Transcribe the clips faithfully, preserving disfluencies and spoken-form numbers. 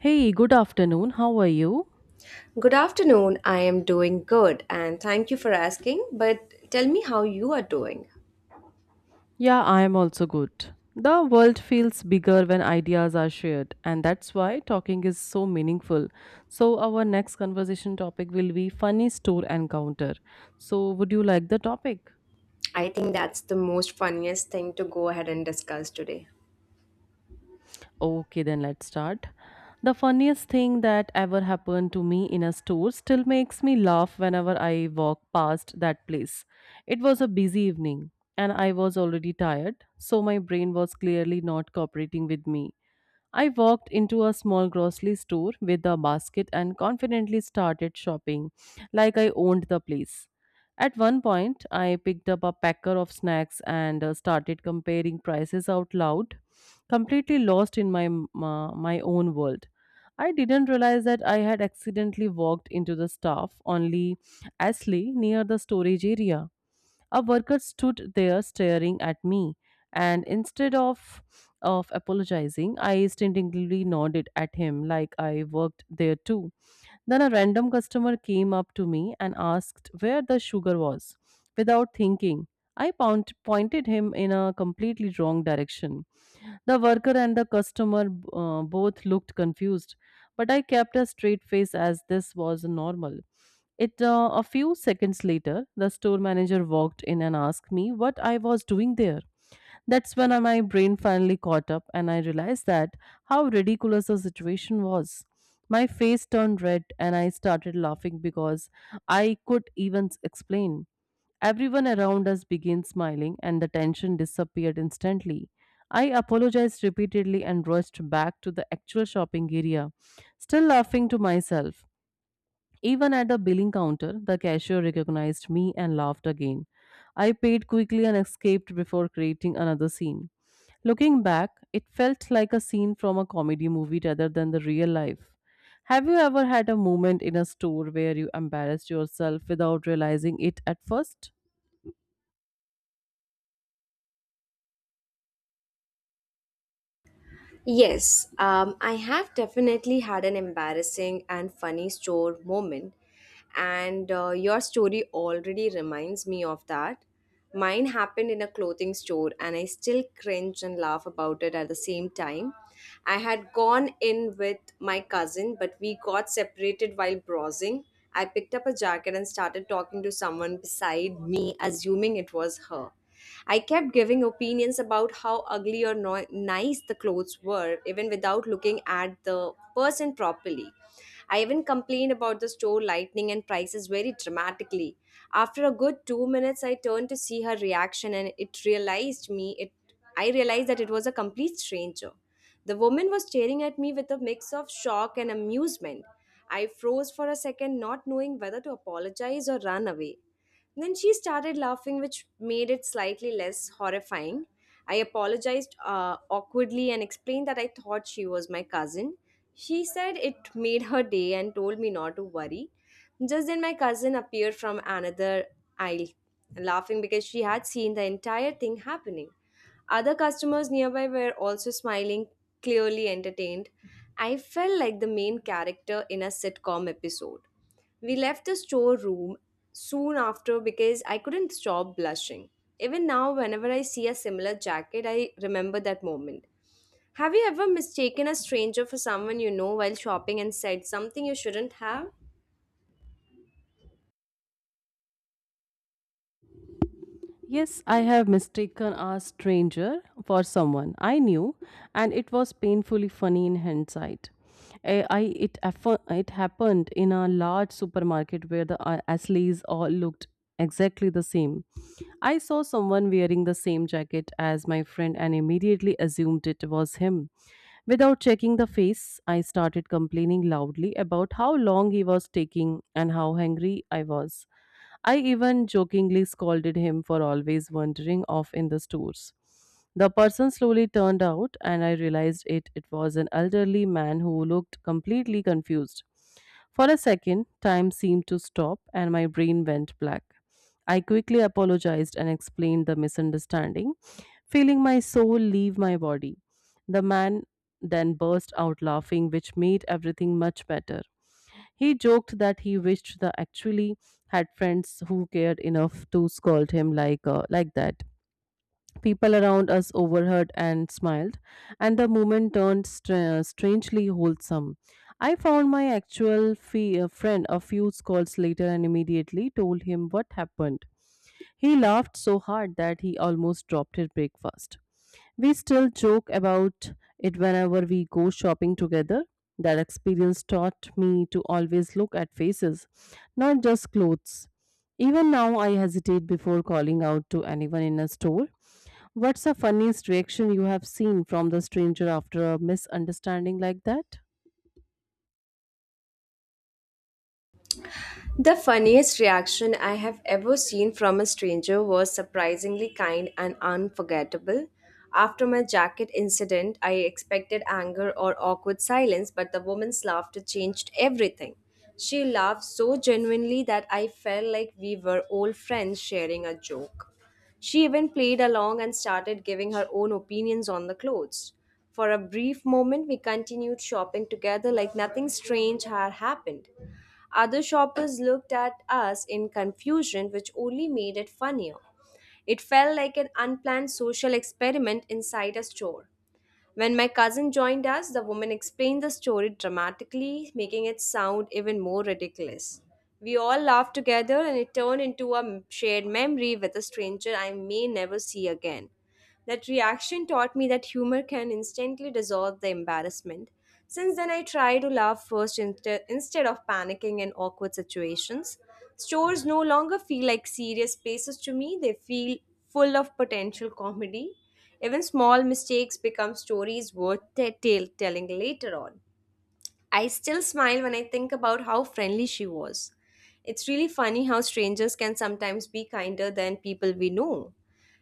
Hey, good afternoon. How are you? Good afternoon. I am doing good and thank you for asking. But tell me how you are doing. Yeah, I am also good. The world feels bigger when ideas are shared, and that's why talking is so meaningful. So, our next conversation topic will be funny store encounter. So, would you like the topic? I think that's the most funniest thing to go ahead and discuss today. Okay, then let's start. The funniest thing that ever happened to me in a store still makes me laugh whenever I walk past that place. It was a busy evening and I was already tired, so my brain was clearly not cooperating with me. I walked into a small grocery store with a basket and confidently started shopping like I owned the place. At one point, I picked up a packer of snacks and uh, started comparing prices out loud, completely lost in my m- uh, my own world. I didn't realize that I had accidentally walked into the staff only Ashley near the storage area. A worker stood there staring at me, and instead of of apologizing, I instinctively nodded at him like I worked there too. Then a random customer came up to me and asked where the sugar was. Without thinking, I point, pointed him in a completely wrong direction. The worker and the customer uh, both looked confused, but I kept a straight face as this was normal. It uh, A few seconds later, the store manager walked in and asked me what I was doing there. That's when uh, my brain finally caught up and I realized that how ridiculous the situation was. My face turned red and I started laughing because I could even s- explain. Everyone around us began smiling and the tension disappeared instantly. I apologized repeatedly and rushed back to the actual shopping area, still laughing to myself. Even at the billing counter, the cashier recognized me and laughed again. I paid quickly and escaped before creating another scene. Looking back, it felt like a scene from a comedy movie rather than the real life. Have you ever had a moment in a store where you embarrassed yourself without realizing it at first? Yes, um, I have definitely had an embarrassing and funny store moment, and uh, your story already reminds me of that. Mine happened in a clothing store, and I still cringe and laugh about it at the same time. I had gone in with my cousin, but we got separated while browsing. I picked up a jacket and started talking to someone beside me, assuming it was her. I kept giving opinions about how ugly or no- nice the clothes were, even without looking at the person properly. I even complained about the store lighting and prices very dramatically. After a good two minutes, I turned to see her reaction, and it realized me. It I realized that it was a complete stranger. The woman was staring at me with a mix of shock and amusement. I froze for a second, not knowing whether to apologize or run away. Then she started laughing, which made it slightly less horrifying. I apologized uh, awkwardly and explained that I thought she was my cousin. She said it made her day and told me not to worry. Just then, my cousin appeared from another aisle, laughing because she had seen the entire thing happening. Other customers nearby were also smiling, clearly entertained. I felt like the main character in a sitcom episode. We left the storeroom soon after because I couldn't stop blushing. Even now, whenever I see a similar jacket, I remember that moment. Have you ever mistaken a stranger for someone you know while shopping and said something you shouldn't have? Yes, I have mistaken a stranger for someone I knew, and it was painfully funny in hindsight. Eh, I, it, affo- it happened in a large supermarket where the uh, Asleys all looked exactly the same. I saw someone wearing the same jacket as my friend and immediately assumed it was him. Without checking the face, I started complaining loudly about how long he was taking and how hungry I was. I even jokingly scolded him for always wandering off in the stores. The person slowly turned out, and I realized it, it was an elderly man who looked completely confused. For a second, time seemed to stop, and my brain went black. I quickly apologized and explained the misunderstanding, feeling my soul leave my body. The man then burst out laughing, which made everything much better. He joked that he wished the actually had friends who cared enough to scold him like uh, like that. People around us overheard and smiled, and the moment turned stra- strangely wholesome. I found my actual fe- uh, friend a few calls later and immediately told him what happened. He laughed so hard that he almost dropped his breakfast. We still joke about it whenever we go shopping together. That experience taught me to always look at faces, not just clothes. Even now, I hesitate before calling out to anyone in a store. What's the funniest reaction you have seen from the stranger after a misunderstanding like that? The funniest reaction I have ever seen from a stranger was surprisingly kind and unforgettable. After my jacket incident, I expected anger or awkward silence, but the woman's laughter changed everything. She laughed so genuinely that I felt like we were old friends sharing a joke. She even played along and started giving her own opinions on the clothes. For a brief moment, we continued shopping together like nothing strange had happened. Other shoppers looked at us in confusion, which only made it funnier. It felt like an unplanned social experiment inside a store. When my cousin joined us, the woman explained the story dramatically, making it sound even more ridiculous. We all laughed together and it turned into a shared memory with a stranger I may never see again. That reaction taught me that humor can instantly dissolve the embarrassment. Since then, I try to laugh first inst- instead of panicking in awkward situations. Stores no longer feel like serious places to me, they feel full of potential comedy. Even small mistakes become stories worth t- tell- telling later on. I still smile when I think about how friendly she was. It's really funny how strangers can sometimes be kinder than people we know.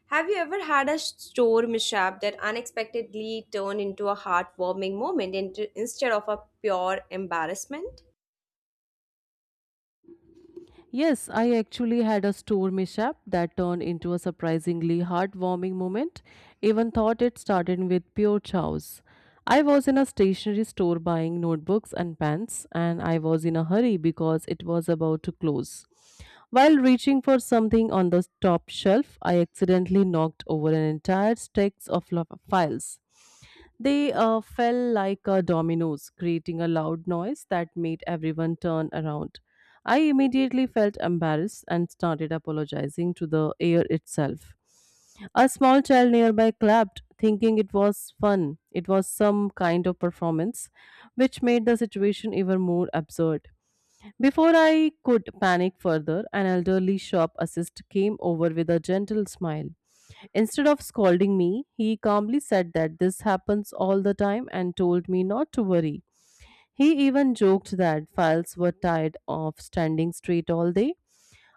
Have you ever had a store mishap that unexpectedly turned into a heartwarming moment into, instead of a pure embarrassment? Yes, I actually had a store mishap that turned into a surprisingly heartwarming moment. Even thought it started with pure chows. I was in a stationery store buying notebooks and pens, and I was in a hurry because it was about to close. While reaching for something on the top shelf, I accidentally knocked over an entire stack of lo- files. They uh, fell like uh, dominoes, creating a loud noise that made everyone turn around. I immediately felt embarrassed and started apologizing to the air itself. A small child nearby clapped, thinking it was fun. It was some kind of performance, which made the situation even more absurd. Before I could panic further, an elderly shop assistant came over with a gentle smile. Instead of scolding me, he calmly said that this happens all the time and told me not to worry. He even joked that files were tired of standing straight all day.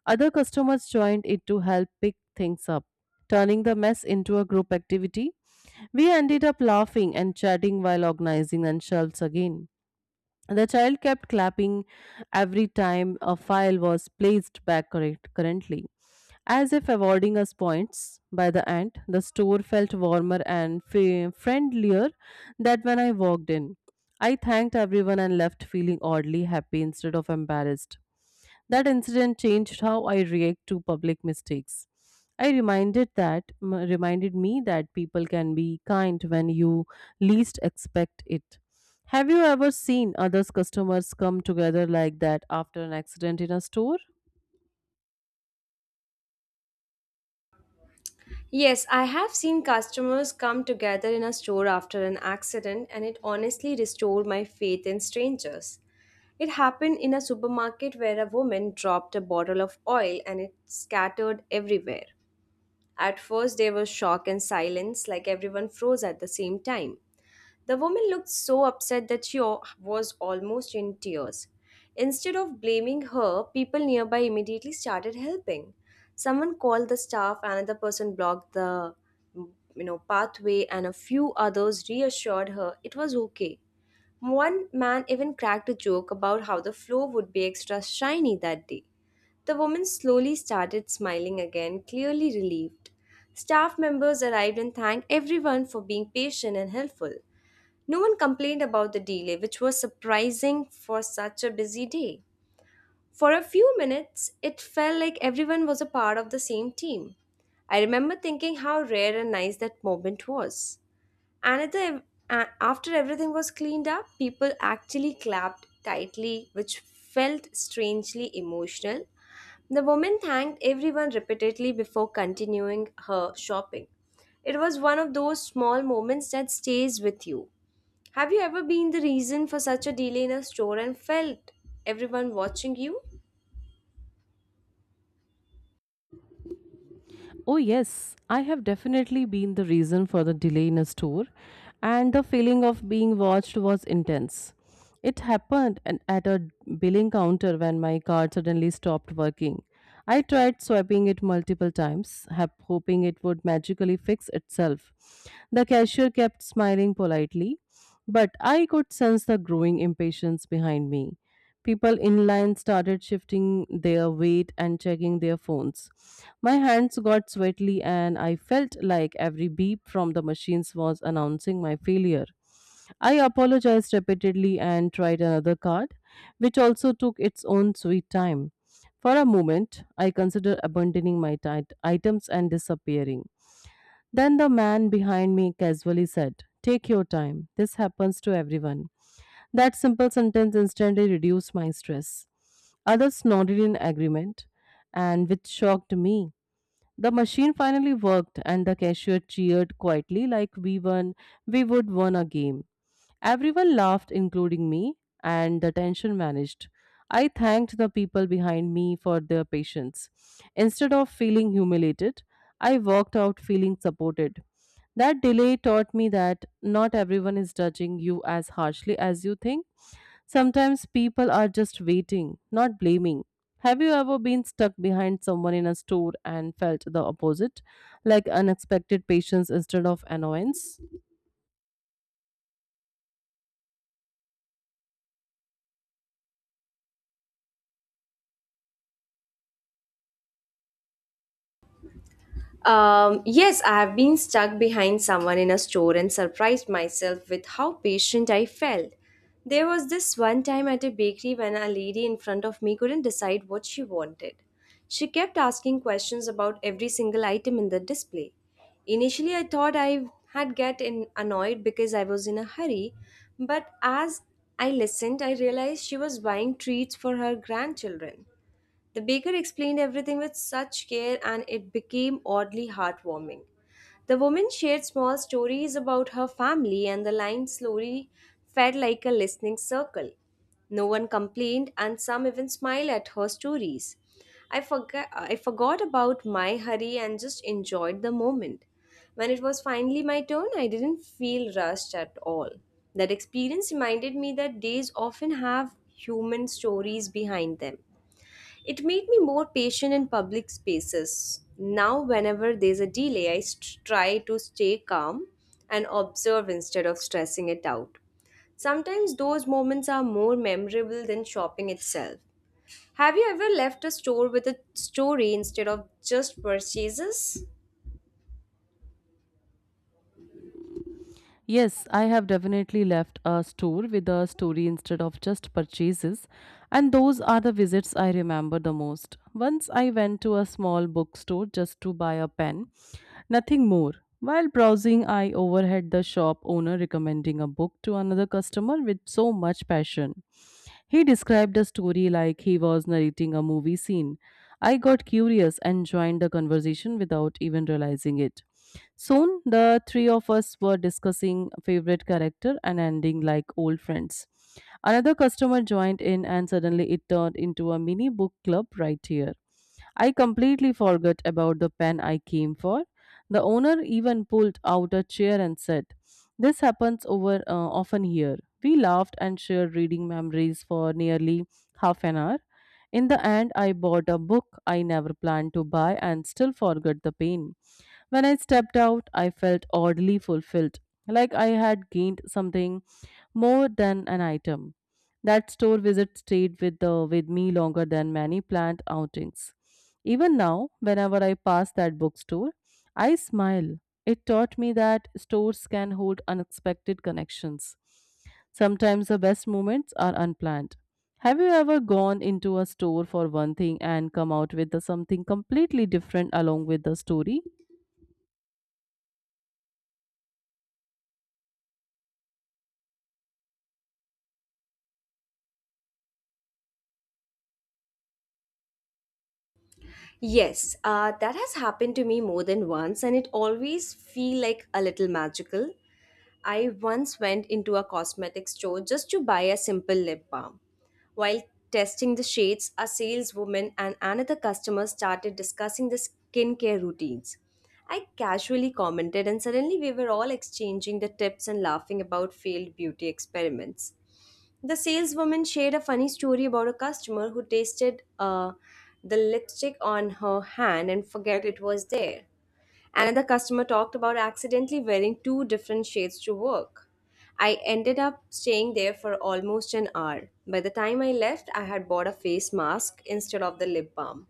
Other customers joined it to help pick things up, turning the mess into a group activity. We ended up laughing and chatting while organizing and shelves again. The child kept clapping every time a file was placed back correct currently, as if awarding us points. By the end, the store felt warmer and fa- friendlier than when I walked in. I thanked everyone and left feeling oddly happy instead of embarrassed. That incident changed how I react to public mistakes. I reminded that m- Reminded me that people can be kind when you least expect it. Have you ever seen others customers come together like that after an accident in a store? Yes, I have seen customers come together in a store after an accident, and it honestly restored my faith in strangers. It happened in a supermarket where a woman dropped a bottle of oil and it scattered everywhere. At first, there was shock and silence, like everyone froze at the same time. The woman looked so upset that she al- was almost in tears. Instead of blaming her, people nearby immediately started helping. Someone called the staff, another person blocked the you know pathway and a few others reassured her it was okay. One man even cracked a joke about how the floor would be extra shiny that day. The woman slowly started smiling again, clearly relieved. Staff members arrived and thanked everyone for being patient and helpful. No one complained about the delay, which was surprising for such a busy day. For a few minutes, it felt like everyone was a part of the same team. I remember thinking how rare and nice that moment was. And at the, uh, After everything was cleaned up, people actually clapped tightly, which felt strangely emotional. The woman thanked everyone repeatedly before continuing her shopping. It was one of those small moments that stays with you. Have you ever been the reason for such a delay in a store and felt everyone watching you? Oh, yes, I have definitely been the reason for the delay in a store, and the feeling of being watched was intense. It happened an- at a billing counter when my card suddenly stopped working. I tried swiping it multiple times, hap- hoping it would magically fix itself. The cashier kept smiling politely, but I could sense the growing impatience behind me. People in line started shifting their weight and checking their phones. My hands got sweaty, and I felt like every beep from the machines was announcing my failure. I apologized repeatedly and tried another card, which also took its own sweet time. For a moment, I considered abandoning my tit- items and disappearing. Then the man behind me casually said, "Take your time. This happens to everyone." That simple sentence instantly reduced my stress. Others nodded in agreement, and which shocked me. The machine finally worked, and the cashier cheered quietly like we won, we would won a game. Everyone laughed, including me, and the tension vanished. I thanked the people behind me for their patience. Instead of feeling humiliated, I walked out feeling supported. That delay taught me that not everyone is judging you as harshly as you think. Sometimes people are just waiting, not blaming. Have you ever been stuck behind someone in a store and felt the opposite, like unexpected patience instead of annoyance? Um, yes, I have been stuck behind someone in a store and surprised myself with how patient I felt. There was this one time at a bakery when a lady in front of me couldn't decide what she wanted. She kept asking questions about every single item in the display. Initially, I thought I had get in annoyed because I was in a hurry, but as I listened, I realized she was buying treats for her grandchildren. The baker explained everything with such care, and it became oddly heartwarming. The woman shared small stories about her family, and the line slowly fed like a listening circle. No one complained, and some even smiled at her stories. I forgot, I forgot about my hurry and just enjoyed the moment. When it was finally my turn, I didn't feel rushed at all. That experience reminded me that days often have human stories behind them. It made me more patient in public spaces. Now, whenever there's a delay, I st- try to stay calm and observe instead of stressing it out. Sometimes those moments are more memorable than shopping itself. Have you ever left a store with a story instead of just purchases? Yes, I have definitely left a store with a story instead of just purchases, and those are the visits I remember the most. Once I went to a small bookstore just to buy a pen, nothing more. While browsing, I overheard the shop owner recommending a book to another customer with so much passion. He described the story like he was narrating a movie scene. I got curious and joined the conversation without even realizing it. Soon, the three of us were discussing favorite character and ending like old friends. Another customer joined in, and suddenly it turned into a mini book club right here. I completely forgot about the pen I came for. The owner even pulled out a chair and said, "This happens over uh, often here." We laughed and shared reading memories for nearly half an hour. In the end, I bought a book I never planned to buy and still forgot the pain. When I stepped out, I felt oddly fulfilled, like I had gained something more than an item. That store visit stayed with, the, with me longer than many planned outings. Even now, whenever I pass that bookstore, I smile. It taught me that stores can hold unexpected connections. Sometimes the best moments are unplanned. Have you ever gone into a store for one thing and come out with the something completely different along with the story? Yes, uh, that has happened to me more than once, and it always feel like a little magical. I once went into a cosmetic store just to buy a simple lip balm. While testing the shades, a saleswoman and another customer started discussing the skincare routines. I casually commented, and suddenly we were all exchanging the tips and laughing about failed beauty experiments. The saleswoman shared a funny story about a customer who tasted uh, the lipstick on her hand and forget it was there. Another customer talked about accidentally wearing two different shades to work. I ended up staying there for almost an hour. By the time I left, I had bought a face mask instead of the lip balm.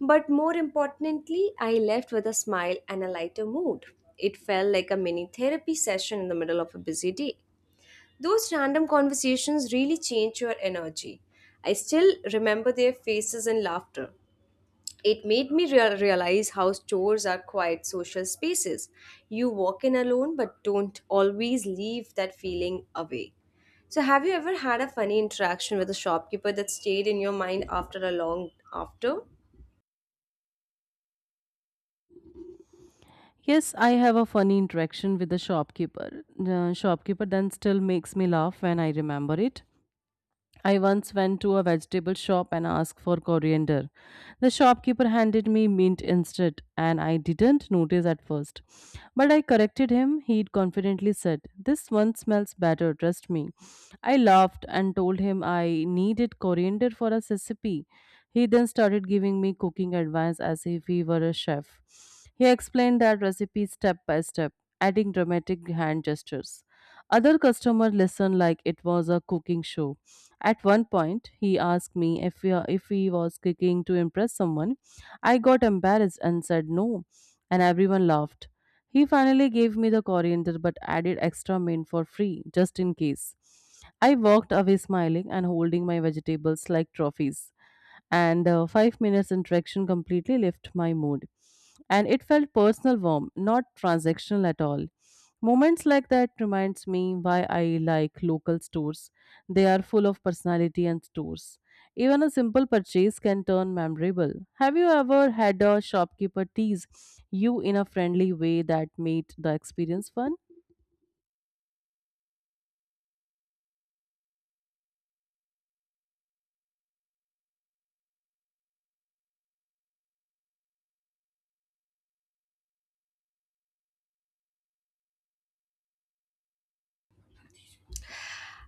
But more importantly, I left with a smile and a lighter mood. It felt like a mini therapy session in the middle of a busy day. Those random conversations really change your energy. I still remember their faces and laughter. It made me rea- realize how stores are quiet social spaces. You walk in alone but don't always leave that feeling away. So, have you ever had a funny interaction with a shopkeeper that stayed in your mind after a long after? Yes, I have a funny interaction with the shopkeeper. Uh, shopkeeper then still makes me laugh when I remember it. I once went to a vegetable shop and asked for coriander. The shopkeeper handed me mint instead, and I didn't notice at first. But I corrected him. He confidently said, "This one smells better, trust me." I laughed and told him I needed coriander for a recipe. He then started giving me cooking advice as if he were a chef. He explained that recipe step by step, adding dramatic hand gestures. Other customers listened like it was a cooking show. At one point, he asked me if we, if he was kicking to impress someone. I got embarrassed and said no, and everyone laughed. He finally gave me the coriander but added extra mint for free, just in case. I walked away smiling and holding my vegetables like trophies, and uh, five minutes interaction completely lifted my mood, and it felt personal, warm, not transactional at all. Moments like that reminds me why I like local stores. They are full of personality and stores, even a simple purchase can turn memorable. Have you ever had a shopkeeper tease you in a friendly way that made the experience fun?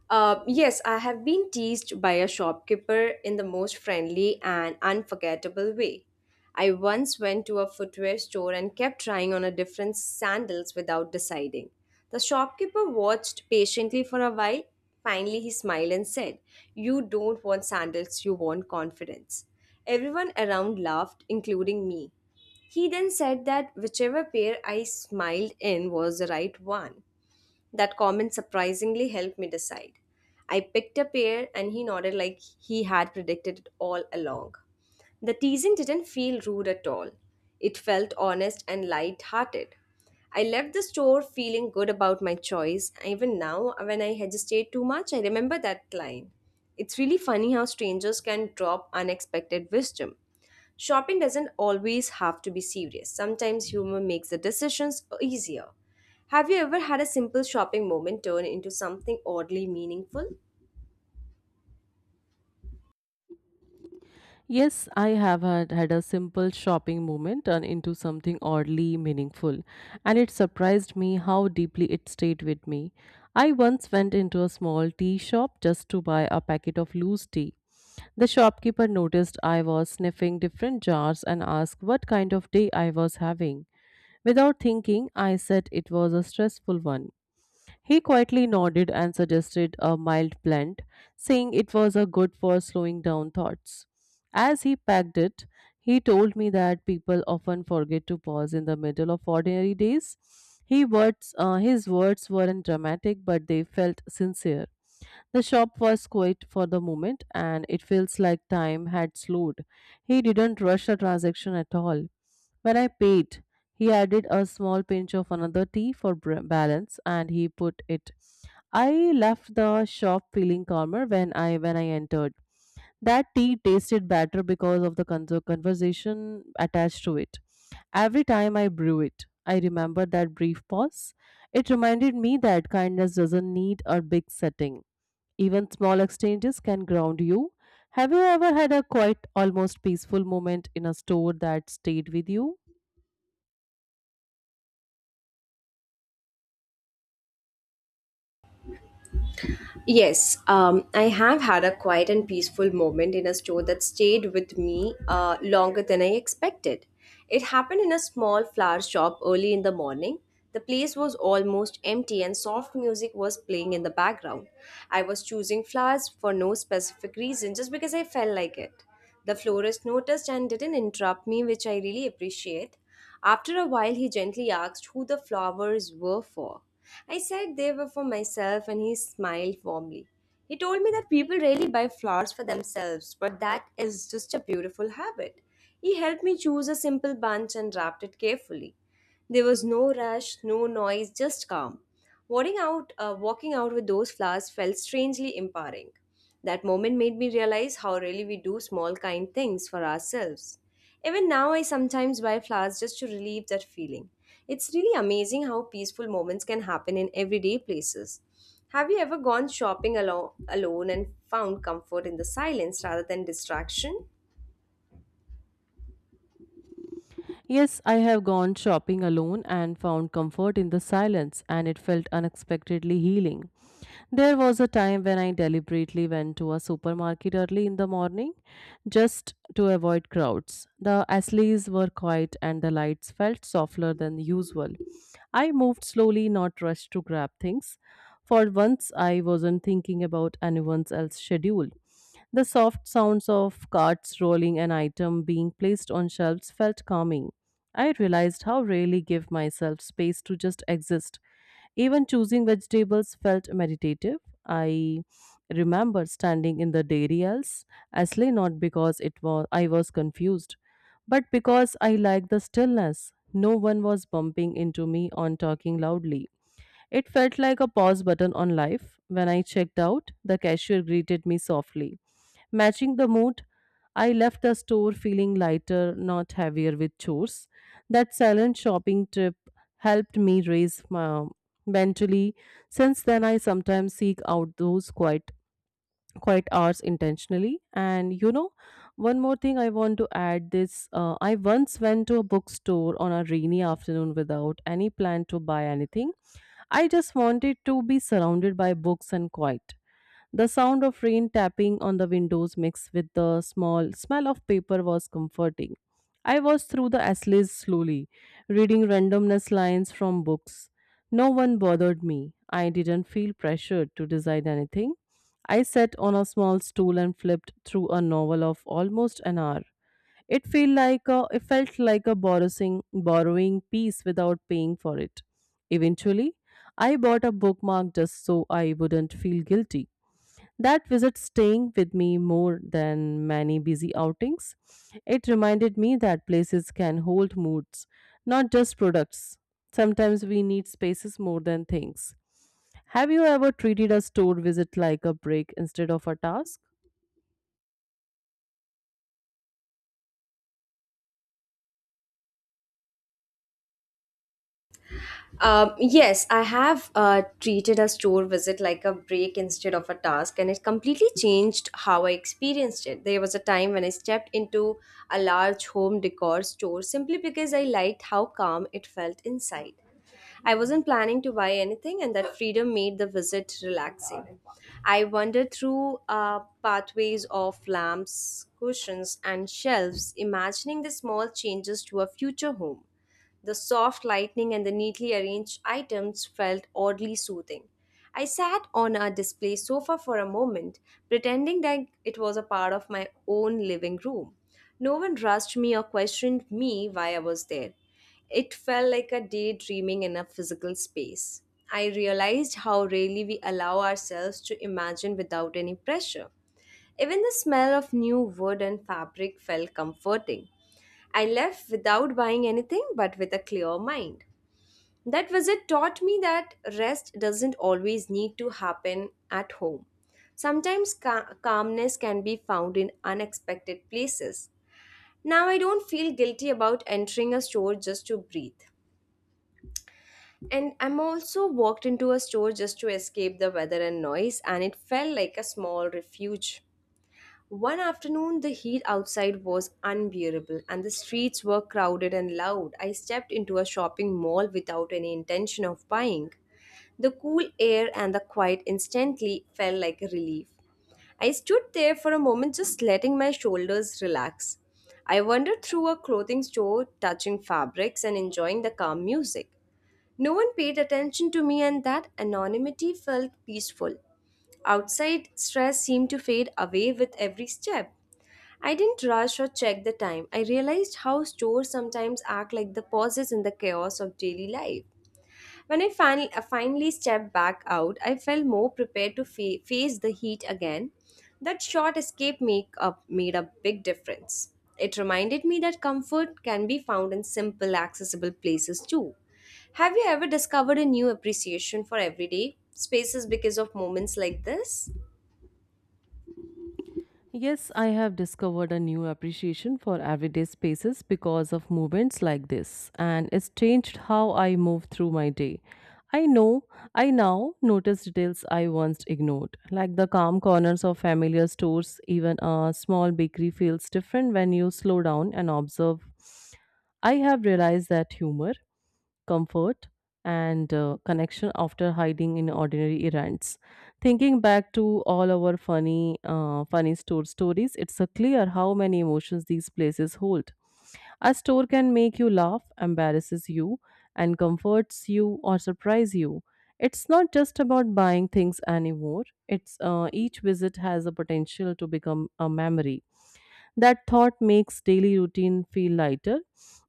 Uh, yes, I have been teased by a shopkeeper in the most friendly and unforgettable way. I once went to a footwear store and kept trying on a different sandals without deciding. The shopkeeper watched patiently for a while. Finally, he smiled and said, You don't want sandals, you want confidence. Everyone around laughed, including me. He then said that whichever pair I smiled in was the right one. That comment surprisingly helped me decide. I picked a pear and he nodded like he had predicted it all along. The teasing didn't feel rude at all. It felt honest and light-hearted. I left the store feeling good about my choice. Even now, when I hesitate too much, I remember that line. It's really funny how strangers can drop unexpected wisdom. Shopping doesn't always have to be serious. Sometimes humor makes the decisions easier. Have you ever had a simple shopping moment turn into something oddly meaningful? Yes, I have had, had a simple shopping moment turn into something oddly meaningful, and it surprised me how deeply it stayed with me. I once went into a small tea shop just to buy a packet of loose tea. The shopkeeper noticed I was sniffing different jars and asked what kind of day I was having. Without thinking, I said it was a stressful one. He quietly nodded and suggested a mild plant, saying it was a good for slowing down thoughts. As he packed it, he told me that people often forget to pause in the middle of ordinary days. He words, uh, his words weren't dramatic, but they felt sincere. The shop was quiet for the moment, and it feels like time had slowed. He didn't rush the transaction at all. When I paid, he added a small pinch of another tea for br- balance, and he put it. I left the shop feeling calmer when I when I entered. That tea tasted better because of the con- conversation attached to it. Every time I brew it, I remember that brief pause. It reminded me that kindness doesn't need a big setting. Even small exchanges can ground you. Have you ever had a quite almost peaceful moment in a store that stayed with you? Yes, um, I have had a quiet and peaceful moment in a store that stayed with me uh, longer than I expected. It happened in a small flower shop early in the morning. The place was almost empty and soft music was playing in the background. I was choosing flowers for no specific reason, just because I felt like it. The florist noticed and didn't interrupt me, which I really appreciate. After a while, he gently asked who the flowers were for. I said they were for myself, and he smiled warmly. He told me that people rarely buy flowers for themselves, but that is just a beautiful habit. He helped me choose a simple bunch and wrapped it carefully. There was no rush, no noise, just calm. Walking out, uh, walking out with those flowers felt strangely empowering. That moment made me realize how really we do small kind things for ourselves. Even now, I sometimes buy flowers just to relieve that feeling. It's really amazing how peaceful moments can happen in everyday places. Have you ever gone shopping alo- alone and found comfort in the silence rather than distraction? Yes, I have gone shopping alone and found comfort in the silence, and it felt unexpectedly healing. There was a time when I deliberately went to a supermarket early in the morning just to avoid crowds. The alleys were quiet and the lights felt softer than usual. I moved slowly, not rushed to grab things. For once, I wasn't thinking about anyone else's schedule. The soft sounds of carts rolling and item being placed on shelves felt calming. I realized how rarely give myself space to just exist. Even choosing vegetables felt meditative. I remember standing in the dairy aisles, actually not because it was I was confused, but because I liked the stillness. No one was bumping into me on talking loudly. It felt like a pause button on life. When I checked out, the cashier greeted me softly. Matching the mood, I left the store feeling lighter, not heavier with chores. That silent shopping trip helped me raise my mentally. Since then, I sometimes seek out those quiet quiet hours intentionally. And you know, one more thing I want to add this, uh, I once went to a bookstore on a rainy afternoon without any plan to buy anything. I just wanted to be surrounded by books and quiet. The sound of rain tapping on the windows mixed with the small smell of paper was comforting. I was through the essays slowly, reading randomness lines from books. No one bothered me. I didn't feel pressured to decide anything. I sat on a small stool and flipped through a novel of almost an hour. It felt like a, it felt like a borrowing, borrowing piece without paying for it. Eventually, I bought a bookmark just so I wouldn't feel guilty. That visit staying with me more than many busy outings. It reminded me that places can hold moods, not just products. Sometimes we need spaces more than things. Have you ever treated a store visit like a break instead of a task? Um, yes, I have uh, treated a store visit like a break instead of a task, and it completely changed how I experienced it. There was a time when I stepped into a large home decor store simply because I liked how calm it felt inside. I wasn't planning to buy anything, and that freedom made the visit relaxing. I wandered through uh, pathways of lamps, cushions, and shelves, imagining the small changes to a future home. The soft lighting and the neatly arranged items felt oddly soothing. I sat on a display sofa for a moment, pretending that it was a part of my own living room. No one rushed me or questioned me why I was there. It felt like a daydreaming in a physical space. I realized how rarely we allow ourselves to imagine without any pressure. Even the smell of new wood and fabric felt comforting. I left without buying anything but with a clear mind. That visit taught me that rest doesn't always need to happen at home. Sometimes ca- calmness can be found in unexpected places. Now I don't feel guilty about entering a store just to breathe. And I'm also walked into a store just to escape the weather and noise, and it felt like a small refuge. One afternoon, the heat outside was unbearable and the streets were crowded and loud. I stepped into a shopping mall without any intention of buying. The cool air and the quiet instantly felt like a relief. I stood there for a moment, just letting my shoulders relax. I wandered through a clothing store, touching fabrics and enjoying the calm music. No one paid attention to me, and that anonymity felt peaceful. Outside, stress seemed to fade away with every step. I didn't rush or check the time. I realized how stores sometimes act like the pauses in the chaos of daily life. When I finally, finally stepped back out, I felt more prepared to fa- face the heat again. That short escape make up made a big difference. It reminded me that comfort can be found in simple, accessible places too. Have you ever discovered a new appreciation for everyday spaces because of moments like this? Yes, I have discovered a new appreciation for everyday spaces because of movements like this, and it's changed how I move through my day. I know I now notice details I once ignored, like the calm corners of familiar stores. Even a small bakery feels different when you slow down and observe. I have realized that humor, comfort, and uh, connection after hiding in ordinary errands. Thinking back to all our funny, uh, funny store stories, it's a clear how many emotions these places hold. A store can make you laugh, embarrasses you, and comforts you or surprise you. It's not just about buying things anymore. It's uh, Each visit has a potential to become a memory. That thought makes daily routine feel lighter,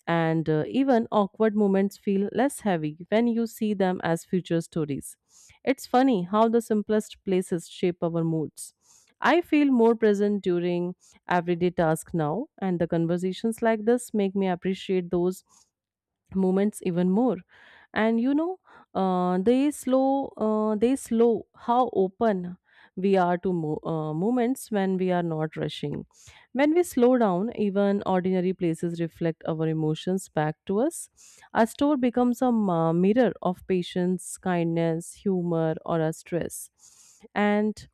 and uh, even awkward moments feel less heavy when you see them as future stories. It's funny how the simplest places shape our moods. I feel more present during everyday tasks now, and the conversations like this make me appreciate those moments even more. And you know, uh, they slow, uh, they slow how open we are to mo- uh, moments. When we are not rushing, when we slow down, even ordinary places reflect our emotions back to us. Our store becomes a ma- mirror of patience, kindness, humor, or our stress. And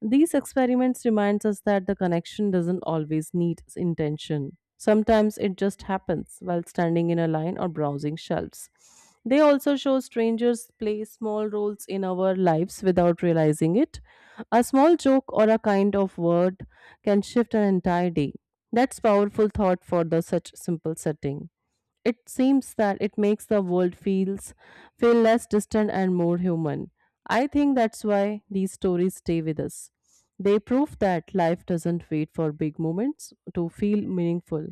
these experiments reminds us that the connection doesn't always need intention. Sometimes it just happens while standing in a line or browsing shelves. They also show strangers play small roles in our lives without realizing it. A small joke or a kind of word can shift an entire day. That's powerful thought for the such simple setting. It seems that it makes the world feels feel less distant and more human. I think that's why these stories stay with us. They prove that life doesn't wait for big moments to feel meaningful.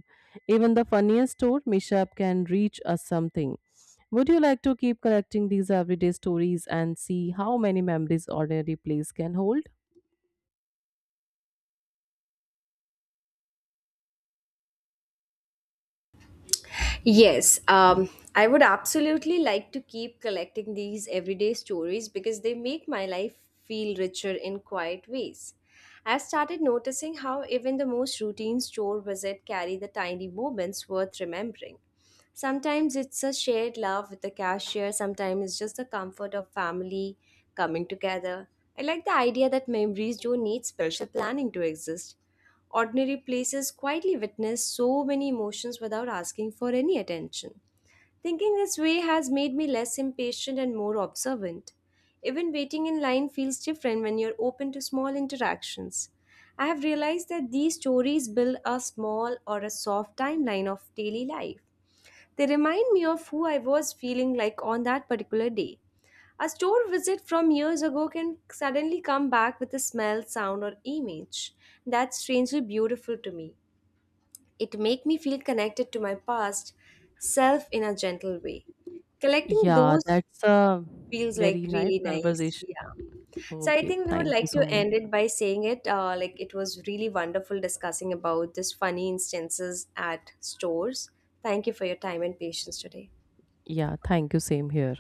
Even the funniest or mishap can reach us something. Would you like to keep collecting these everyday stories and see how many memories ordinary place can hold? Yes, um, I would absolutely like to keep collecting these everyday stories because they make my life feel richer in quiet ways. I've started noticing how even the most routine store visit carry the tiny moments worth remembering. Sometimes it's a shared laugh with the cashier, sometimes it's just the comfort of family coming together. I like the idea that memories don't need special planning to exist. Ordinary places quietly witness so many emotions without asking for any attention. Thinking this way has made me less impatient and more observant. Even waiting in line feels different when you're open to small interactions. I have realized that these stories build a small or a soft timeline of daily life. They remind me of who I was feeling like on that particular day. A store visit from years ago can suddenly come back with a smell, sound, or image. That's strangely beautiful to me. It made me feel connected to my past self in a gentle way. Collecting Yeah, those that's a feels very like nice really nice. conversation. Yeah. So I Okay, think we would thank you like so to much. end it by saying it uh, like it was really wonderful discussing about this funny instances at stores. Thank you for your time and patience today. Yeah, thank you. Same here.